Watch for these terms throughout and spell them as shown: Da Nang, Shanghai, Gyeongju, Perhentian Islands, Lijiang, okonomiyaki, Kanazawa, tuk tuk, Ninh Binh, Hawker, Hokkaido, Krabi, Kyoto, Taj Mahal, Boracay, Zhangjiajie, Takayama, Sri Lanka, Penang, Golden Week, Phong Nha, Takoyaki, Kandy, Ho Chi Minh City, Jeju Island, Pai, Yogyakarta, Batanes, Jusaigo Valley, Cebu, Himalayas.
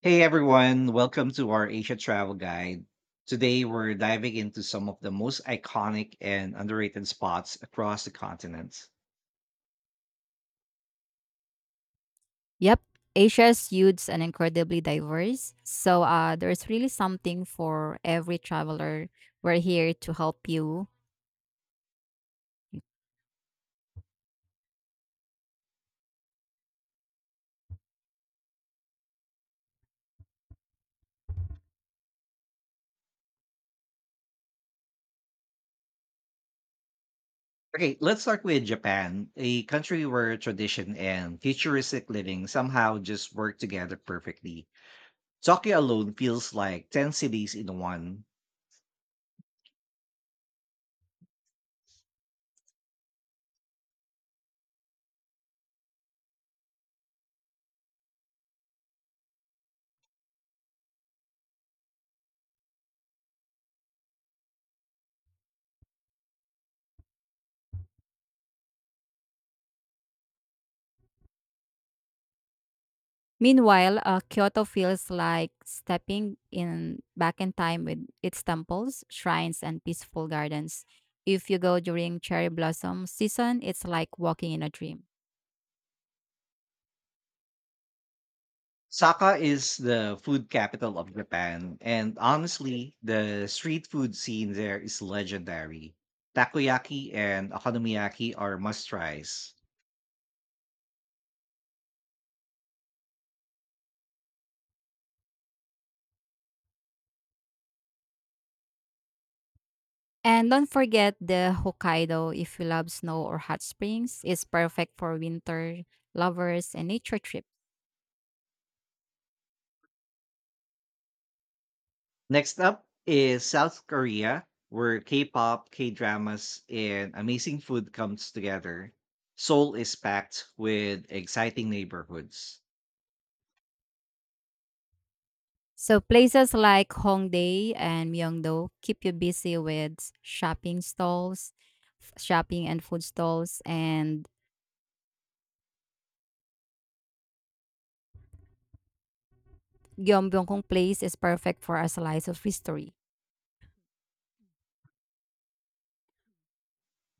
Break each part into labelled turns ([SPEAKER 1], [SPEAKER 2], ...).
[SPEAKER 1] Hey everyone, welcome to our Asia Travel Guide. Today we're diving into some of the most iconic and underrated spots across the continent.
[SPEAKER 2] Yep, Asia's youths and incredibly diverse. So there's really something for every traveler. We're here to help you.
[SPEAKER 1] Okay, let's start with Japan, a country where tradition and futuristic living somehow just work together perfectly. Tokyo alone feels like 10 cities in one.
[SPEAKER 2] Meanwhile, Kyoto feels like stepping in back in time with its temples, shrines, and peaceful gardens. If you go during cherry blossom season, it's like walking in a dream.
[SPEAKER 1] Saka is the food capital of Japan, and honestly, the street food scene there is legendary. Takoyaki and okonomiyaki are must tries.
[SPEAKER 2] And don't forget the Hokkaido if you love snow or hot springs. It's perfect for winter lovers and nature trips.
[SPEAKER 1] Next up is South Korea, where K pop, K dramas, and amazing food comes together. Seoul is packed with exciting neighborhoods.
[SPEAKER 2] So places like Hongdae and Myeongdo keep you busy with shopping stalls, shopping and food stalls, and Gyeongbokgung Place is perfect for a slice of history.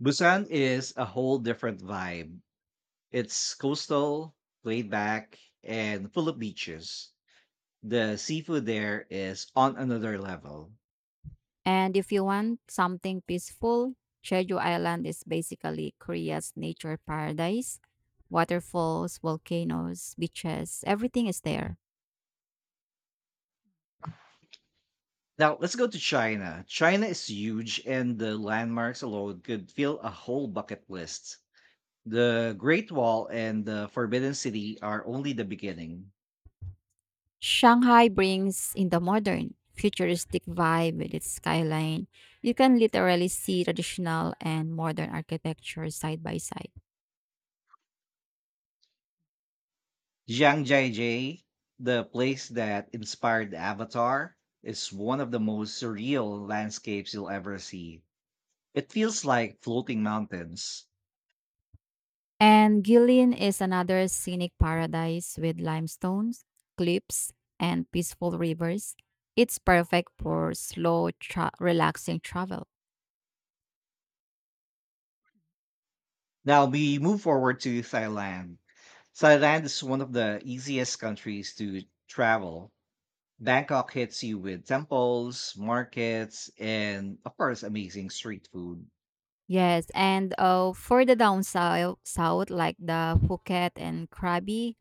[SPEAKER 1] Busan is a whole different vibe. It's coastal, laid back, and full of beaches. The seafood there is on another level.
[SPEAKER 2] And if you want something peaceful, Jeju Island is basically Korea's nature paradise. Waterfalls, volcanoes, beaches, everything is there.
[SPEAKER 1] Now let's go to China. China is huge, and the landmarks alone could fill a whole bucket list. The Great Wall and the Forbidden City are only the beginning.
[SPEAKER 2] Shanghai brings in the modern, futuristic vibe with its skyline. You can literally see traditional and modern architecture side by side.
[SPEAKER 1] Zhangjiajie, the place that inspired the Avatar, is one of the most surreal landscapes you'll ever see. It feels like floating mountains.
[SPEAKER 2] And Guilin is another scenic paradise with limestones, cliffs, and peaceful rivers. It's perfect for slow, relaxing travel.
[SPEAKER 1] Now we move forward to Thailand. Thailand is one of the easiest countries to travel. Bangkok hits you with temples, markets, and of course, amazing street food.
[SPEAKER 2] Yes, and for the down south like the Phuket and Krabi,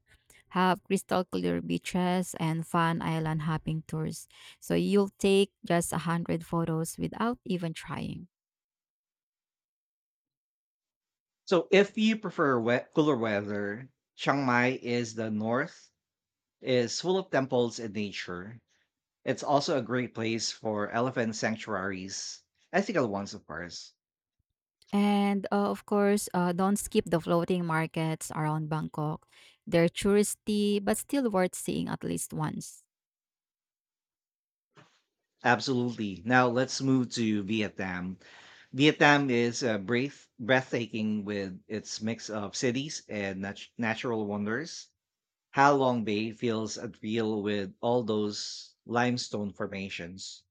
[SPEAKER 2] have crystal clear beaches and fun island hopping tours. So you'll take just 100 photos without even trying.
[SPEAKER 1] So if you prefer cooler weather, Chiang Mai is the north, is full of temples and nature. It's also a great place for elephant sanctuaries, ethical ones, of course.
[SPEAKER 2] And of course, don't skip the floating markets around Bangkok. They're touristy but still worth seeing at least once.
[SPEAKER 1] Absolutely. Now let's move to Vietnam. Vietnam is breathtaking with its mix of cities and natural wonders. Ha Long Bay feels unreal with all those limestone formations.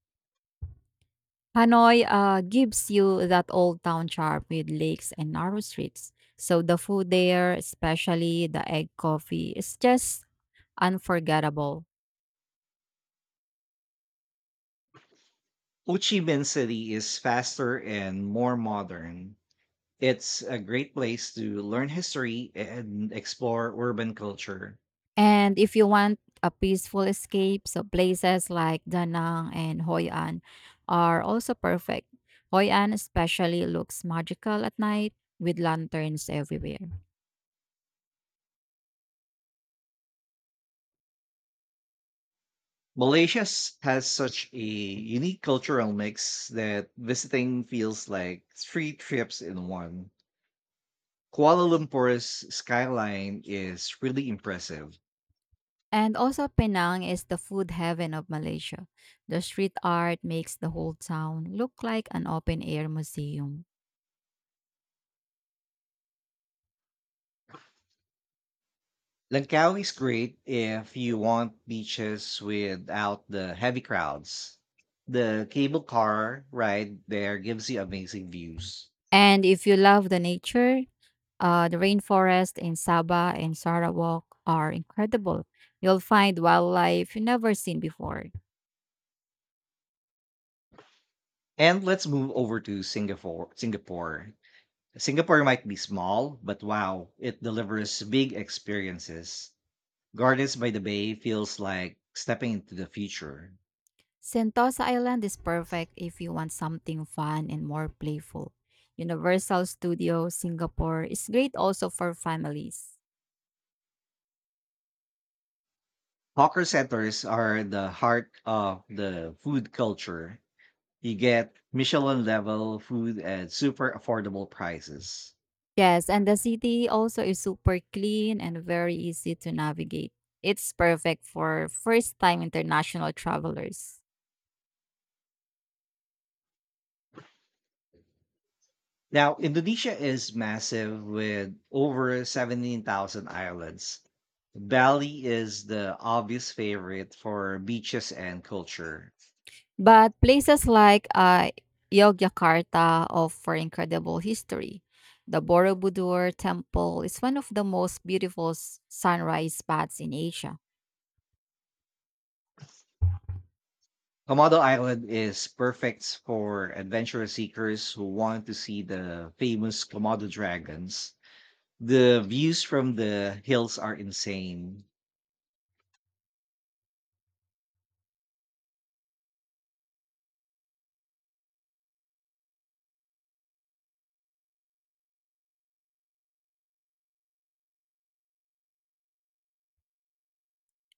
[SPEAKER 2] Hanoi gives you that old town charm with lakes and narrow streets. So the food there, especially the egg coffee, is just unforgettable.
[SPEAKER 1] Ho Chi Minh City is faster and more modern. It's a great place to learn history and explore urban culture.
[SPEAKER 2] And if you want a peaceful escape, so places like Da Nang and Hoi An are also perfect. Hoi An especially looks magical at night with lanterns everywhere.
[SPEAKER 1] Malaysia has such a unique cultural mix that visiting feels like three trips in one. Kuala Lumpur's skyline is really impressive.
[SPEAKER 2] And also, Penang is the food heaven of Malaysia. The street art makes the whole town look like an open air museum.
[SPEAKER 1] Langkawi is great if you want beaches without the heavy crowds. The cable car ride there gives you amazing views.
[SPEAKER 2] And if you love the nature, the rainforest in Sabah and Sarawak are incredible. You'll find wildlife you've never seen before.
[SPEAKER 1] And let's move over to Singapore. Singapore might be small, but wow, it delivers big experiences. Gardens by the Bay feels like stepping into the future.
[SPEAKER 2] Sentosa Island is perfect if you want something fun and more playful. Universal Studios Singapore is great also for families.
[SPEAKER 1] Hawker centers are the heart of the food culture. You get Michelin level food at super affordable prices.
[SPEAKER 2] Yes, and the city also is super clean and very easy to navigate. It's perfect for first-time international travelers.
[SPEAKER 1] Now, Indonesia is massive with over 17,000 islands. Bali is the obvious favorite for beaches and culture.
[SPEAKER 2] But places like Yogyakarta offer incredible history. The Borobudur Temple is one of the most beautiful sunrise spots in Asia.
[SPEAKER 1] Komodo Island is perfect for adventure seekers who want to see the famous Komodo dragons. The views from the hills are insane.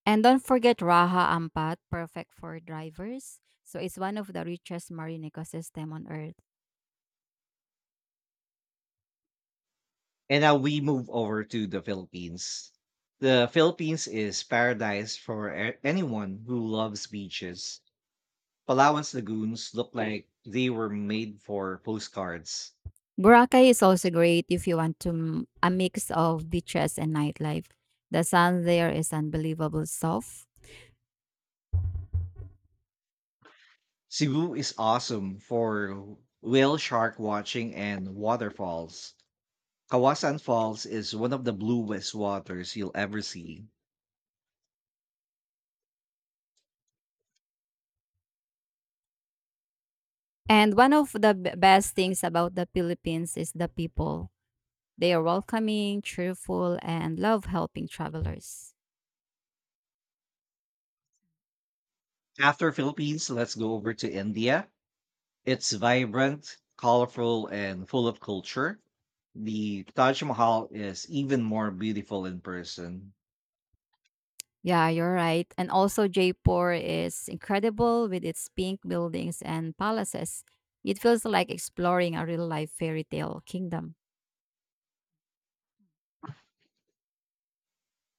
[SPEAKER 2] And don't forget Raha Ampat, perfect for drivers. So it's one of the richest marine ecosystem on Earth.
[SPEAKER 1] And now we move over to the Philippines. The Philippines is paradise for anyone who loves beaches. Palawan's lagoons look like they were made for postcards.
[SPEAKER 2] Boracay is also great if you want to a mix of beaches and nightlife. The sun there is unbelievable soft.
[SPEAKER 1] Cebu is awesome for whale shark watching and waterfalls. Kawasan Falls is one of the bluest waters you'll ever see.
[SPEAKER 2] And one of the best things about the Philippines is the people. They are welcoming, cheerful, and love helping travelers.
[SPEAKER 1] After Philippines, let's go over to India. It's vibrant, colorful, and full of culture. The Taj Mahal is even more beautiful in person.
[SPEAKER 2] Yeah, you're right. And also Jaipur is incredible with its pink buildings and palaces. It feels like exploring a real life fairy tale kingdom.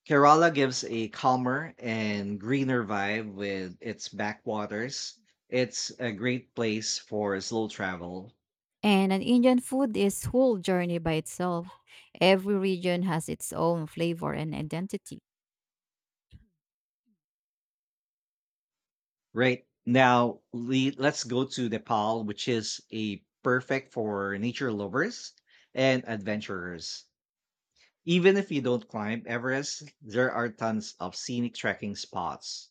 [SPEAKER 1] Kerala gives a calmer and greener vibe with its backwaters. It's a great place for slow travel.
[SPEAKER 2] And an Indian food is whole journey by itself. Every region has its own flavor and identity.
[SPEAKER 1] Right. Now, let's go to Nepal, which is a perfect for nature lovers and adventurers. Even if you don't climb Everest, there are tons of scenic trekking spots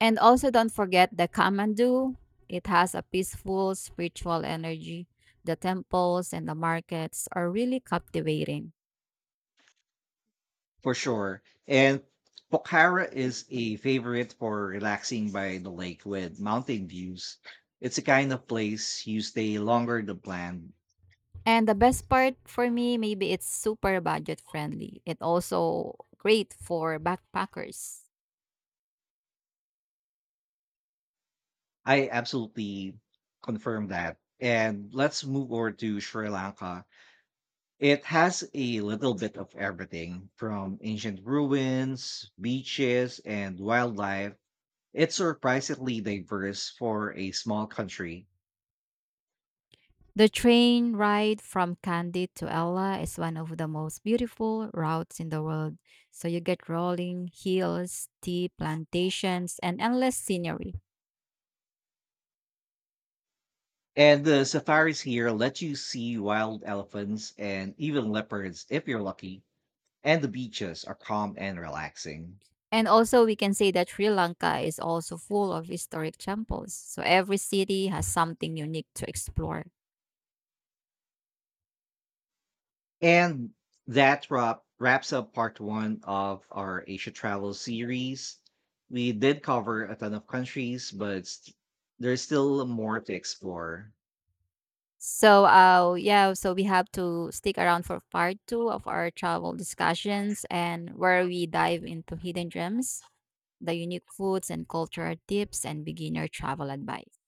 [SPEAKER 2] And also don't forget the Kamandu. It has a peaceful spiritual energy. The temples and the markets are really captivating.
[SPEAKER 1] for sure. And Pokhara is a favorite for relaxing by the lake with mountain views. It's a kind of place you stay longer than planned.
[SPEAKER 2] And the best part for me, maybe it's super budget friendly. It also great for backpackers.
[SPEAKER 1] I absolutely confirm that. And let's move over to Sri Lanka. It has a little bit of everything from ancient ruins, beaches, and wildlife. It's surprisingly diverse for a small country.
[SPEAKER 2] The train ride from Kandy to Ella is one of the most beautiful routes in the world. So you get rolling hills, tea plantations, and endless scenery.
[SPEAKER 1] And the safaris here let you see wild elephants and even leopards if you're lucky. And the beaches are calm and relaxing.
[SPEAKER 2] And also, we can say that Sri Lanka is also full of historic temples. So every city has something unique to explore.
[SPEAKER 1] And that wraps up part one of our Asia travel series. We did cover a ton of countries, but there's still more to explore.
[SPEAKER 2] So, yeah, so we have to stick around for part two of our travel discussions and where we dive into hidden gems, the unique foods and cultural tips and beginner travel advice.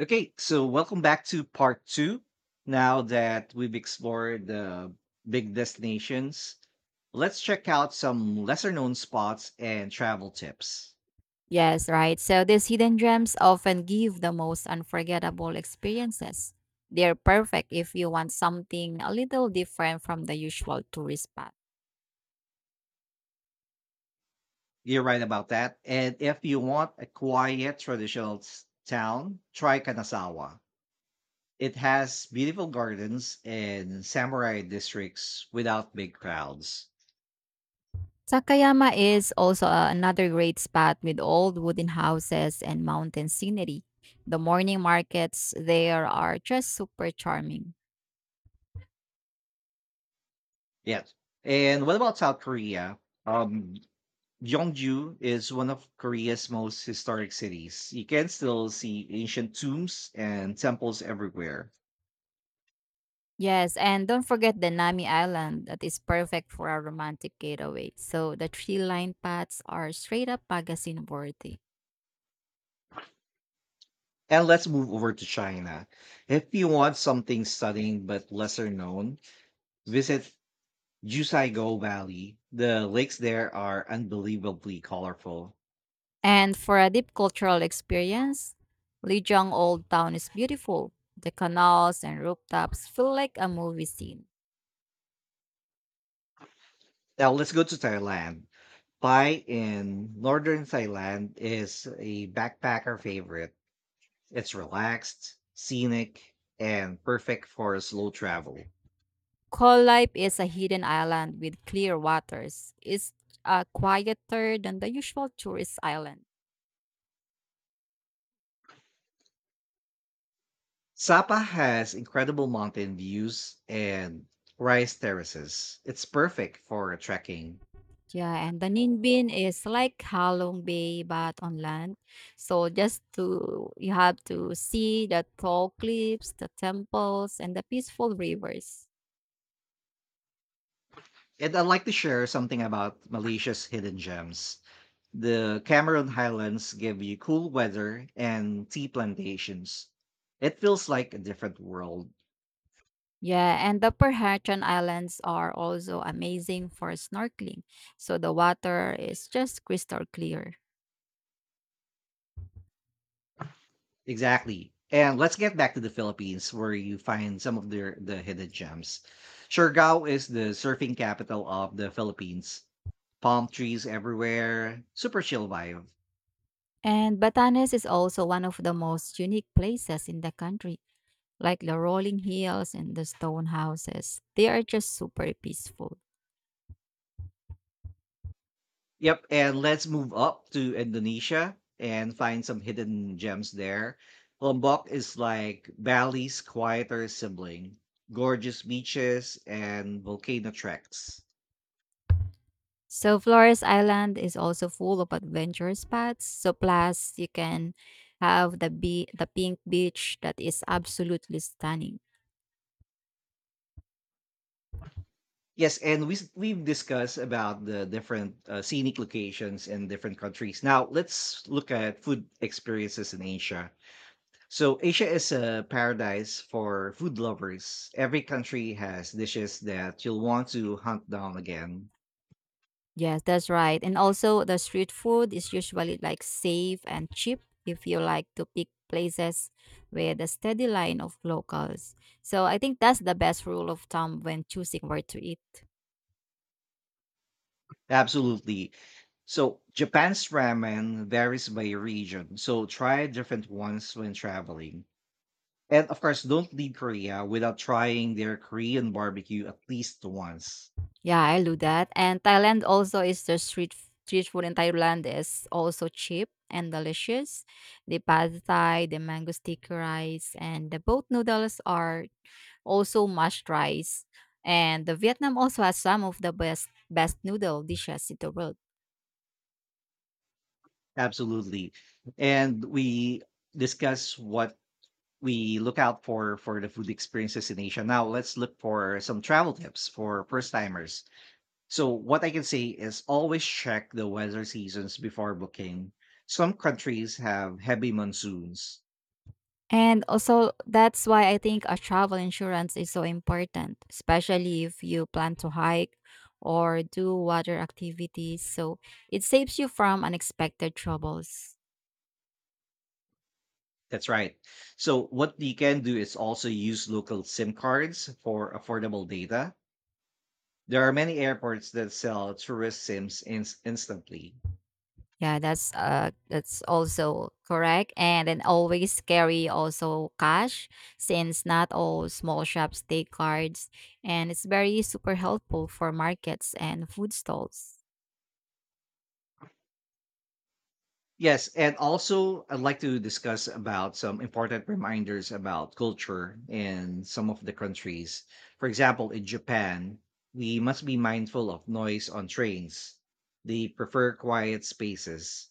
[SPEAKER 1] Okay, so welcome back to part two. Now that we've explored the big destinations, let's check out some lesser known spots and travel tips.
[SPEAKER 2] Yes, right. So these hidden gems often give the most unforgettable experiences. They're perfect if you want something a little different from the usual tourist spot.
[SPEAKER 1] You're right about that. And if you want a quiet, traditional town, try Kanazawa. It has beautiful gardens and samurai districts without big crowds.
[SPEAKER 2] Sakayama is also another great spot with old wooden houses and mountain scenery. The morning markets there are just super charming.
[SPEAKER 1] Yes. And what about South Korea? Um, Gyeongju is one of Korea's most historic cities. You can still see ancient tombs and temples everywhere.
[SPEAKER 2] Yes, and don't forget the Nami Island that is perfect for a romantic getaway. So the tree lined paths are straight up magazine worthy.
[SPEAKER 1] And let's move over to China. If you want something stunning but lesser known, visit Jusaigo Valley. The lakes there are unbelievably colorful.
[SPEAKER 2] And for a deep cultural experience, Lijiang Old Town is beautiful. The canals and rooftops feel like a movie scene.
[SPEAKER 1] Now let's go to Thailand. Pai in northern Thailand is a backpacker favorite. It's relaxed, scenic, and perfect for slow travel.
[SPEAKER 2] Life is a hidden island with clear waters. It's quieter than the usual tourist island.
[SPEAKER 1] Sapa has incredible mountain views and rice terraces. It's perfect for trekking.
[SPEAKER 2] Yeah, and the Ninbin is like Halong Bay but on land. So just to you have to see the tall cliffs, the temples, and the peaceful rivers.
[SPEAKER 1] And I'd like to share something about Malaysia's hidden gems. The Cameron Highlands give you cool weather and tea plantations. It feels like a different world.
[SPEAKER 2] Yeah, and the Perhatian Islands are also amazing for snorkeling. So the water is just crystal clear.
[SPEAKER 1] Exactly. And let's get back to the Philippines where you find some of their the hidden gems. Siargao is the surfing capital of the Philippines. Palm trees everywhere, super chill vibe.
[SPEAKER 2] And Batanes is also one of the most unique places in the country, like the rolling hills and the stone houses. They are just super peaceful.
[SPEAKER 1] Yep, and let's move up to Indonesia and find some hidden gems there. Lombok is like Bali's quieter sibling, gorgeous beaches and volcano treks.
[SPEAKER 2] So Flores Island is also full of adventure spots. So plus you can have the the pink beach that is absolutely stunning.
[SPEAKER 1] Yes, and we've discussed about the different scenic locations in different countries. Now let's look at food experiences in Asia. So Asia is a paradise for food lovers. Every country has dishes that you'll want to hunt down again.
[SPEAKER 2] Yes, that's right. And also the street food is usually like safe and cheap if you like to pick places with a steady line of locals. So I think that's the best rule of thumb when choosing where to eat.
[SPEAKER 1] Absolutely. So Japan's ramen varies by region, so try different ones when traveling. And of course, don't leave Korea without trying their Korean barbecue at least once.
[SPEAKER 2] Yeah, I do that. And Thailand also is the street food in Thailand is also cheap and delicious. The pad thai, the mango sticky rice, and the boat noodles are also mashed rice. And the Vietnam also has some of the best noodle dishes in the world.
[SPEAKER 1] Absolutely. And we discuss what we look out for the food experiences in Asia. Now let's look for some travel tips for first timers. So what I can say is always check the weather seasons before booking. Some countries have heavy monsoons.
[SPEAKER 2] And also that's why I think a travel insurance is so important, especially if you plan to hike or do water activities. So it saves you from unexpected troubles.
[SPEAKER 1] That's right. So what you can do is also use local SIM cards for affordable data. There are many airports that sell tourist SIMs instantly.
[SPEAKER 2] Yeah, that's also correct. And then always carry also cash since not all small shops take cards and it's very super helpful for markets and food stalls.
[SPEAKER 1] Yes, and also I'd like to discuss about some important reminders about culture in some of the countries. For example, in Japan, we must be mindful of noise on trains. They prefer quiet spaces.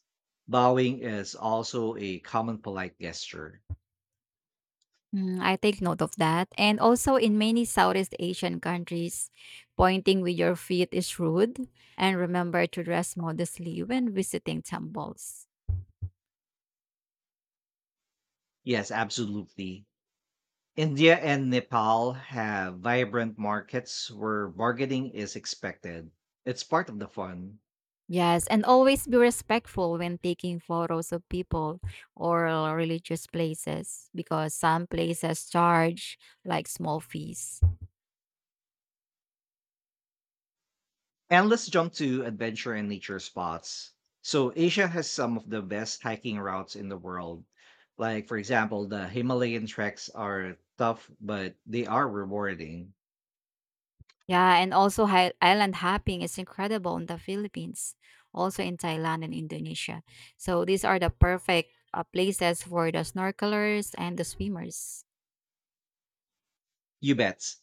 [SPEAKER 1] Bowing is also a common polite gesture.
[SPEAKER 2] Mm, I take note of that. And also in many Southeast Asian countries, pointing with your feet is rude and remember to dress modestly when visiting temples.
[SPEAKER 1] Yes, absolutely. India and Nepal have vibrant markets where bargaining is expected. It's part of the fun.
[SPEAKER 2] Yes, and always be respectful when taking photos of people or religious places because some places charge like small fees.
[SPEAKER 1] And let's jump to adventure and nature spots. So Asia has some of the best hiking routes in the world. Like for example, the Himalayan treks are tough, but they are rewarding.
[SPEAKER 2] Yeah, and also island hopping is incredible in the Philippines, also in Thailand and Indonesia. So these are the perfect places for the snorkelers and the swimmers.
[SPEAKER 1] You bet.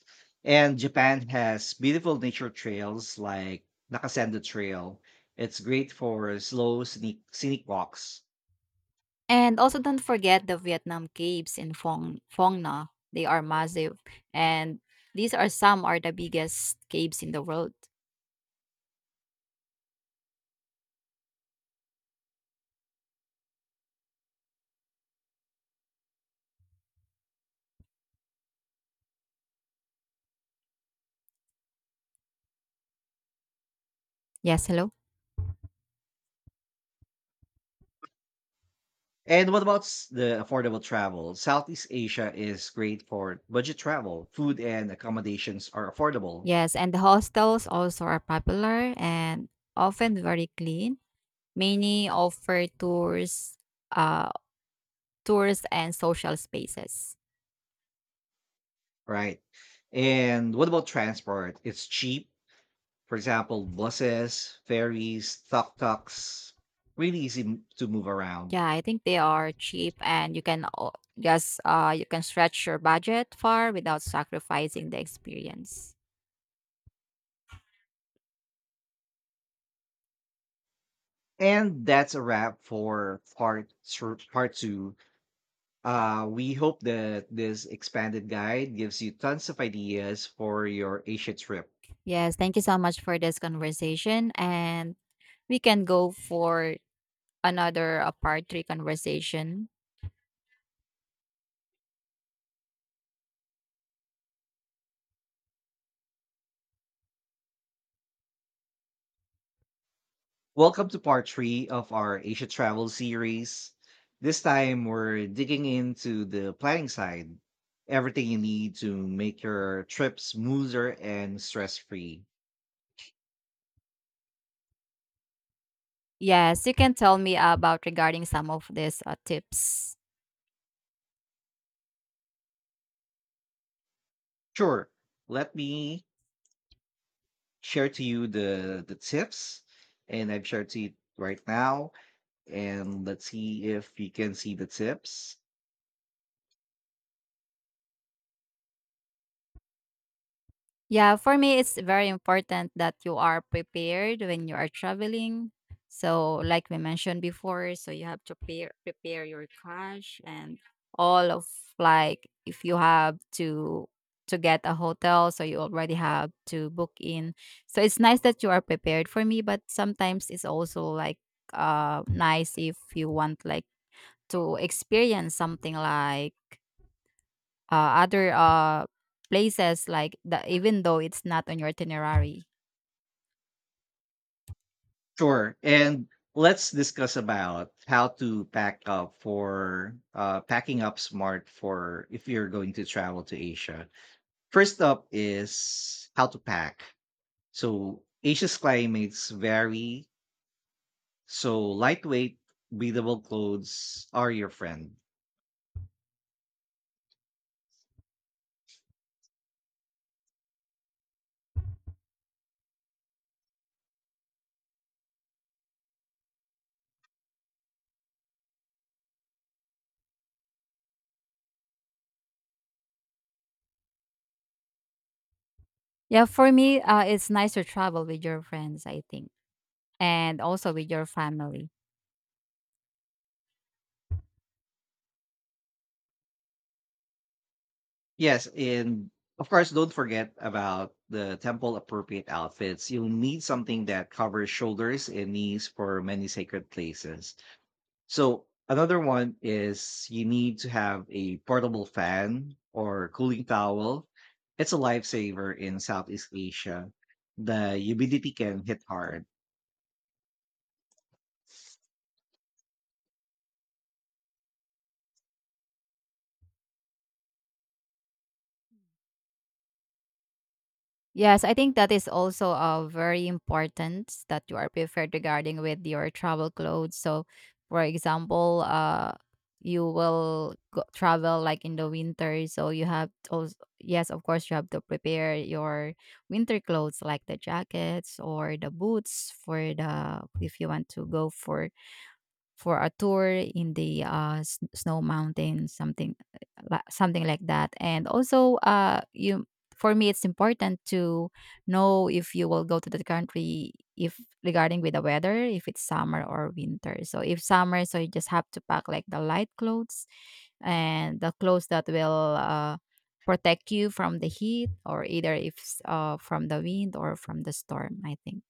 [SPEAKER 1] And Japan has beautiful nature trails like Nakasendo Trail. It's great for scenic walks.
[SPEAKER 2] And also don't forget the Vietnam caves in Phong Nha. They are massive and these are some are the biggest caves in the world. Yes, hello.
[SPEAKER 1] And what about the affordable travel? Southeast Asia is great for budget travel. Food and accommodations are affordable.
[SPEAKER 2] Yes, and the hostels also are popular and often very clean. Many offer uh, tours and social spaces.
[SPEAKER 1] Right. And what about transport? It's cheap. For example, buses, ferries, tuk tuks, really easy to move around.
[SPEAKER 2] Yeah, I think they are cheap and you can just you can stretch your budget far without sacrificing the experience.
[SPEAKER 1] And that's a wrap for part two. We hope that this expanded guide gives you tons of ideas for your Asia trip.
[SPEAKER 2] Yes, thank you so much for this conversation and we can go for another part 3 conversation.
[SPEAKER 1] Welcome to part three of our Asia travel series. This time we're digging into the planning side, everything you need to make your trip smoother and stress free.
[SPEAKER 2] Yes, you can tell me about regarding some of these tips.
[SPEAKER 1] Sure, let me share to you the tips, and I've shared to you right now, and let's see if you can see the tips.
[SPEAKER 2] Yeah, for me, it's very important that you are prepared when you are traveling. So, like we mentioned before, so you have to prepare your cash and all of, like, if you have to get a hotel, so you already have to book in. So it's nice that you are prepared for me, but sometimes it's also like nice if you want like to experience something like uh, other places like the, even though it's not on your itinerary.
[SPEAKER 1] Sure. And let's discuss about how to pack up for packing up smart for if you're going to travel to Asia. First up is how to pack. So Asia's climates vary. So lightweight, breathable clothes are your friend.
[SPEAKER 2] Yeah, for me, it's nice to travel with your friends, I think, and also with your family.
[SPEAKER 1] Yes, and of course, don't forget about the temple appropriate outfits. You'll need something that covers shoulders and knees for many sacred places. So another one is you need to have a portable fan or cooling towel. It's a lifesaver in Southeast Asia. The humidity can hit hard.
[SPEAKER 2] Yes, I think that is also very important that you are prepared regarding with your travel clothes. So, for example, you will travel like in the winter, so you have also, yes, of course, you have to prepare your winter clothes like the jackets or the boots for the, if you want to go for a tour in the snow mountain, something something like that. And also, you for me, it's important to know if you will go to the country if regarding with the weather, if it's summer or winter. So if summer, so you just have to pack like the light clothes and the clothes that will protect you from the heat or either if from the wind or from the storm, I think.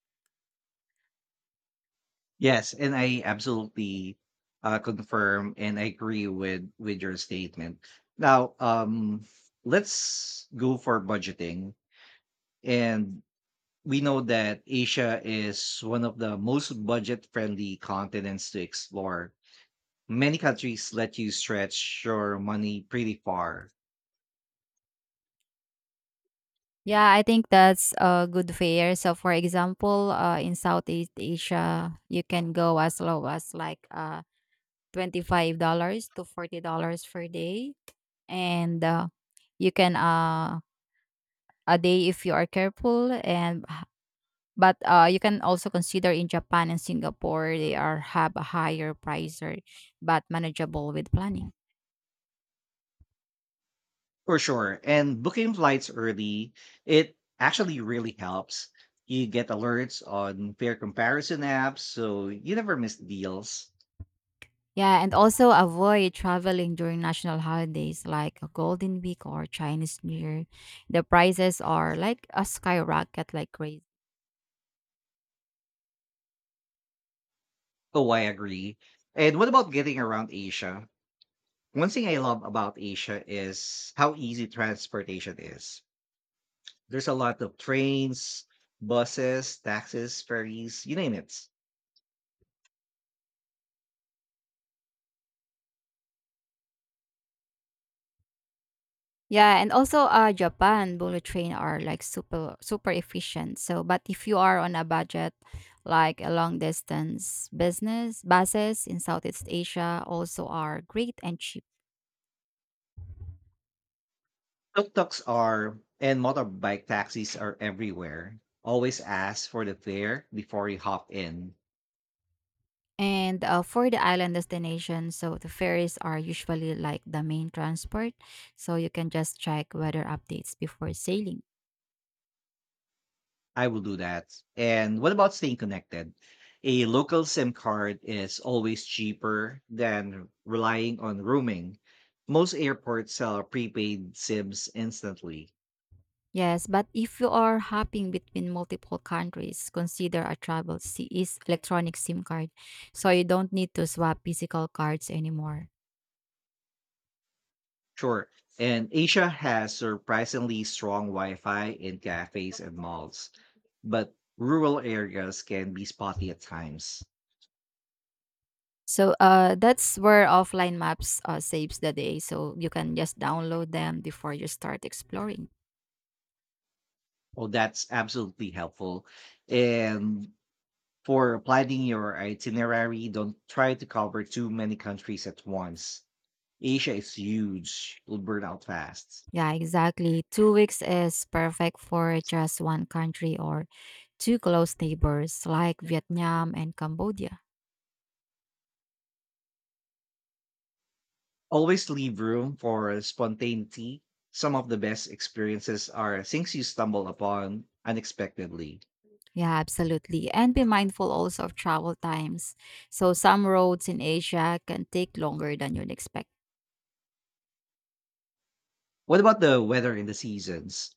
[SPEAKER 1] Yes, and I absolutely confirm and I agree with your statement. Now, let's go for budgeting, and we know that Asia is one of the most budget friendly continents to explore. Many countries let you stretch your money pretty far.
[SPEAKER 2] Yeah, I think that's a good fare. So, for example, in Southeast Asia, you can go as low as like $25 to $40 per day. And you can, a day if you are careful. But you can also consider in Japan and Singapore, they are have a higher price or, but manageable with planning.
[SPEAKER 1] For sure. And booking flights early, it actually really helps. You get alerts on fair comparison apps, so you never miss deals.
[SPEAKER 2] Yeah, and also avoid traveling during national holidays like a Golden Week or Chinese New Year. The prices are like a skyrocket like crazy.
[SPEAKER 1] Oh, I agree. And what about getting around Asia? One thing I love about Asia is how easy transportation is. There's a lot of trains, buses, taxis, ferries, you name it.
[SPEAKER 2] Yeah, and also Japan bullet train are like super efficient. So but if you are on a budget like a long distance business, buses in Southeast Asia also are great and cheap.
[SPEAKER 1] Tuk-tuks are, and motorbike taxis are everywhere. Always ask for the fare before you hop in.
[SPEAKER 2] And for the island destination, so the ferries are usually like the main transport, so you can just check weather updates before sailing.
[SPEAKER 1] I will do that. And what about staying connected? A local SIM card is always cheaper than relying on roaming. Most airports sell prepaid SIMs instantly.
[SPEAKER 2] Yes, but if you are hopping between multiple countries, consider a travel CE's electronic SIM card, so you don't need to swap physical cards anymore.
[SPEAKER 1] Sure. And Asia has surprisingly strong Wi Fi in cafes and malls, but rural areas can be spotty at times.
[SPEAKER 2] So that's where offline maps saves the day, so you can just download them before you start exploring.
[SPEAKER 1] Oh, that's absolutely helpful. And for planning your itinerary, don't try to cover too many countries at once. Asia is huge, you'll burn out fast.
[SPEAKER 2] Yeah, exactly. 2 weeks is perfect for just one country or two close neighbors like Vietnam and Cambodia.
[SPEAKER 1] Always leave room for spontaneity. Some of the best experiences are things you stumble upon unexpectedly.
[SPEAKER 2] Yeah, absolutely. And be mindful also of travel times. So, some roads in Asia can take longer than you'd expect.
[SPEAKER 1] What about the weather and the seasons?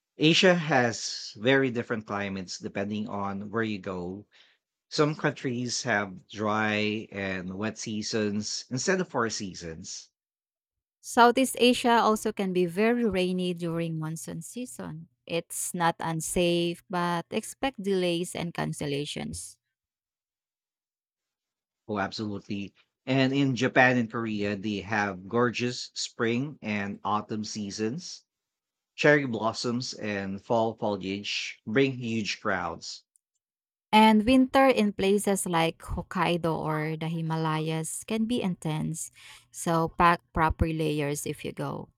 [SPEAKER 1] Asia has very different climates depending on where you go. Some countries have dry and wet seasons instead of four seasons.
[SPEAKER 2] Southeast Asia also can be very rainy during monsoon season. It's not unsafe, but expect delays and cancellations.
[SPEAKER 1] Oh, absolutely. And in Japan and Korea, they have gorgeous spring and autumn seasons. Cherry blossoms and fall foliage bring huge crowds.
[SPEAKER 2] And winter in places like Hokkaido or the Himalayas can be intense. So pack proper layers if you go.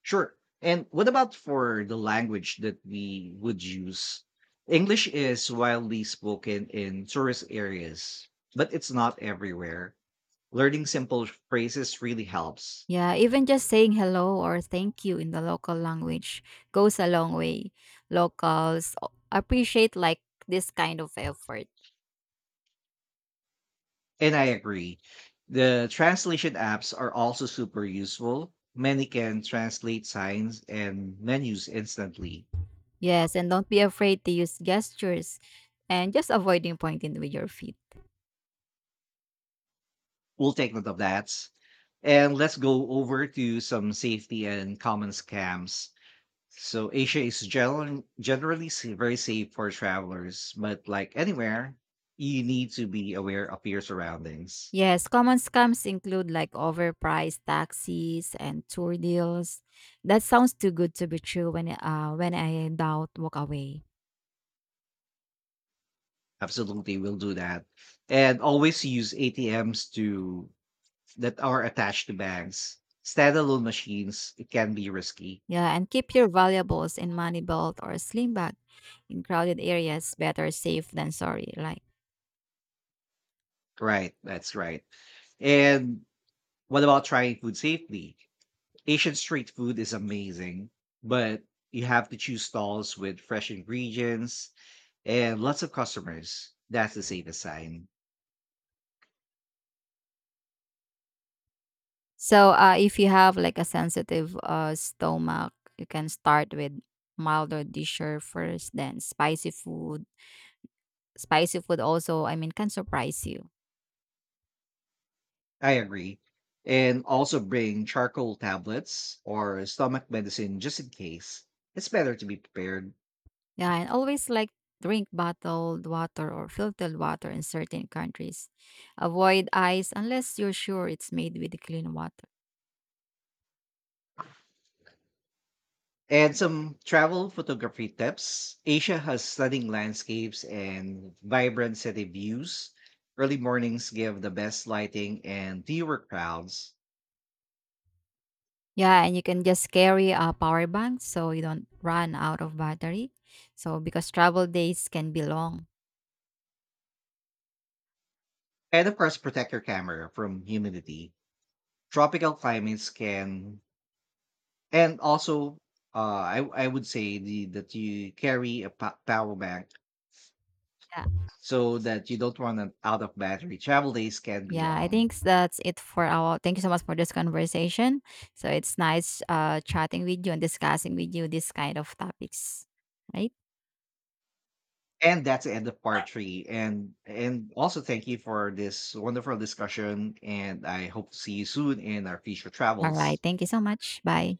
[SPEAKER 1] Sure. And what about for the language that we would use? English is widely spoken in tourist areas, but it's not everywhere. Learning simple phrases really helps.
[SPEAKER 2] Yeah, even just saying hello or thank you in the local language goes a long way. Locals appreciate, like, this kind of effort.
[SPEAKER 1] And I agree. The translation apps are also super useful. Many can translate signs and menus instantly.
[SPEAKER 2] Yes, and don't be afraid to use gestures and just avoiding pointing with your feet.
[SPEAKER 1] We'll take note of that. And let's go over to some safety and common scams. So Asia is generally very safe for travelers, but like anywhere, you need to be aware of your surroundings.
[SPEAKER 2] Yes, common scams include like overpriced taxis and tour deals. That sounds too good to be true. When I in doubt, walk away.
[SPEAKER 1] Absolutely, we'll do that. And always use ATMs to that are attached to banks. Standalone machines, it can be risky.
[SPEAKER 2] Yeah, and keep your valuables in money belt or sling bag in crowded areas. Better safe than sorry. Like
[SPEAKER 1] Right, that's right. And what about trying food safely? Asian street food is amazing, but you have to choose stalls with fresh ingredients and lots of customers. That's the safest sign.
[SPEAKER 2] so, if you have like a sensitive stomach, you can start with milder dishes first, then spicy food. Spicy food also, I mean, can surprise you.
[SPEAKER 1] I agree. And also bring charcoal tablets or stomach medicine just in case. It's better to be prepared.
[SPEAKER 2] Yeah, and always like drink bottled water or filtered water in certain countries. Avoid ice unless you're sure it's made with clean water.
[SPEAKER 1] And some travel photography tips. Asia has stunning landscapes and vibrant city views. Early mornings give the best lighting and fewer crowds.
[SPEAKER 2] Yeah, and you can just carry a power bank so you don't run out of battery. So because travel days can be long.
[SPEAKER 1] And of course, protect your camera from humidity. Tropical climates can, and also, I would say that you carry a power bank
[SPEAKER 2] Yeah.
[SPEAKER 1] so that you don't run out of battery. Travel days can be
[SPEAKER 2] Yeah, I
[SPEAKER 1] long.
[SPEAKER 2] think that's it for our thank you so much for this conversation. So it's nice chatting with you and discussing with you this kind of topics, right?
[SPEAKER 1] And that's the end of part three. And also thank you for this wonderful discussion. And I hope to see you soon in our future
[SPEAKER 2] All right.
[SPEAKER 1] travels.
[SPEAKER 2] Thank you so much. Bye.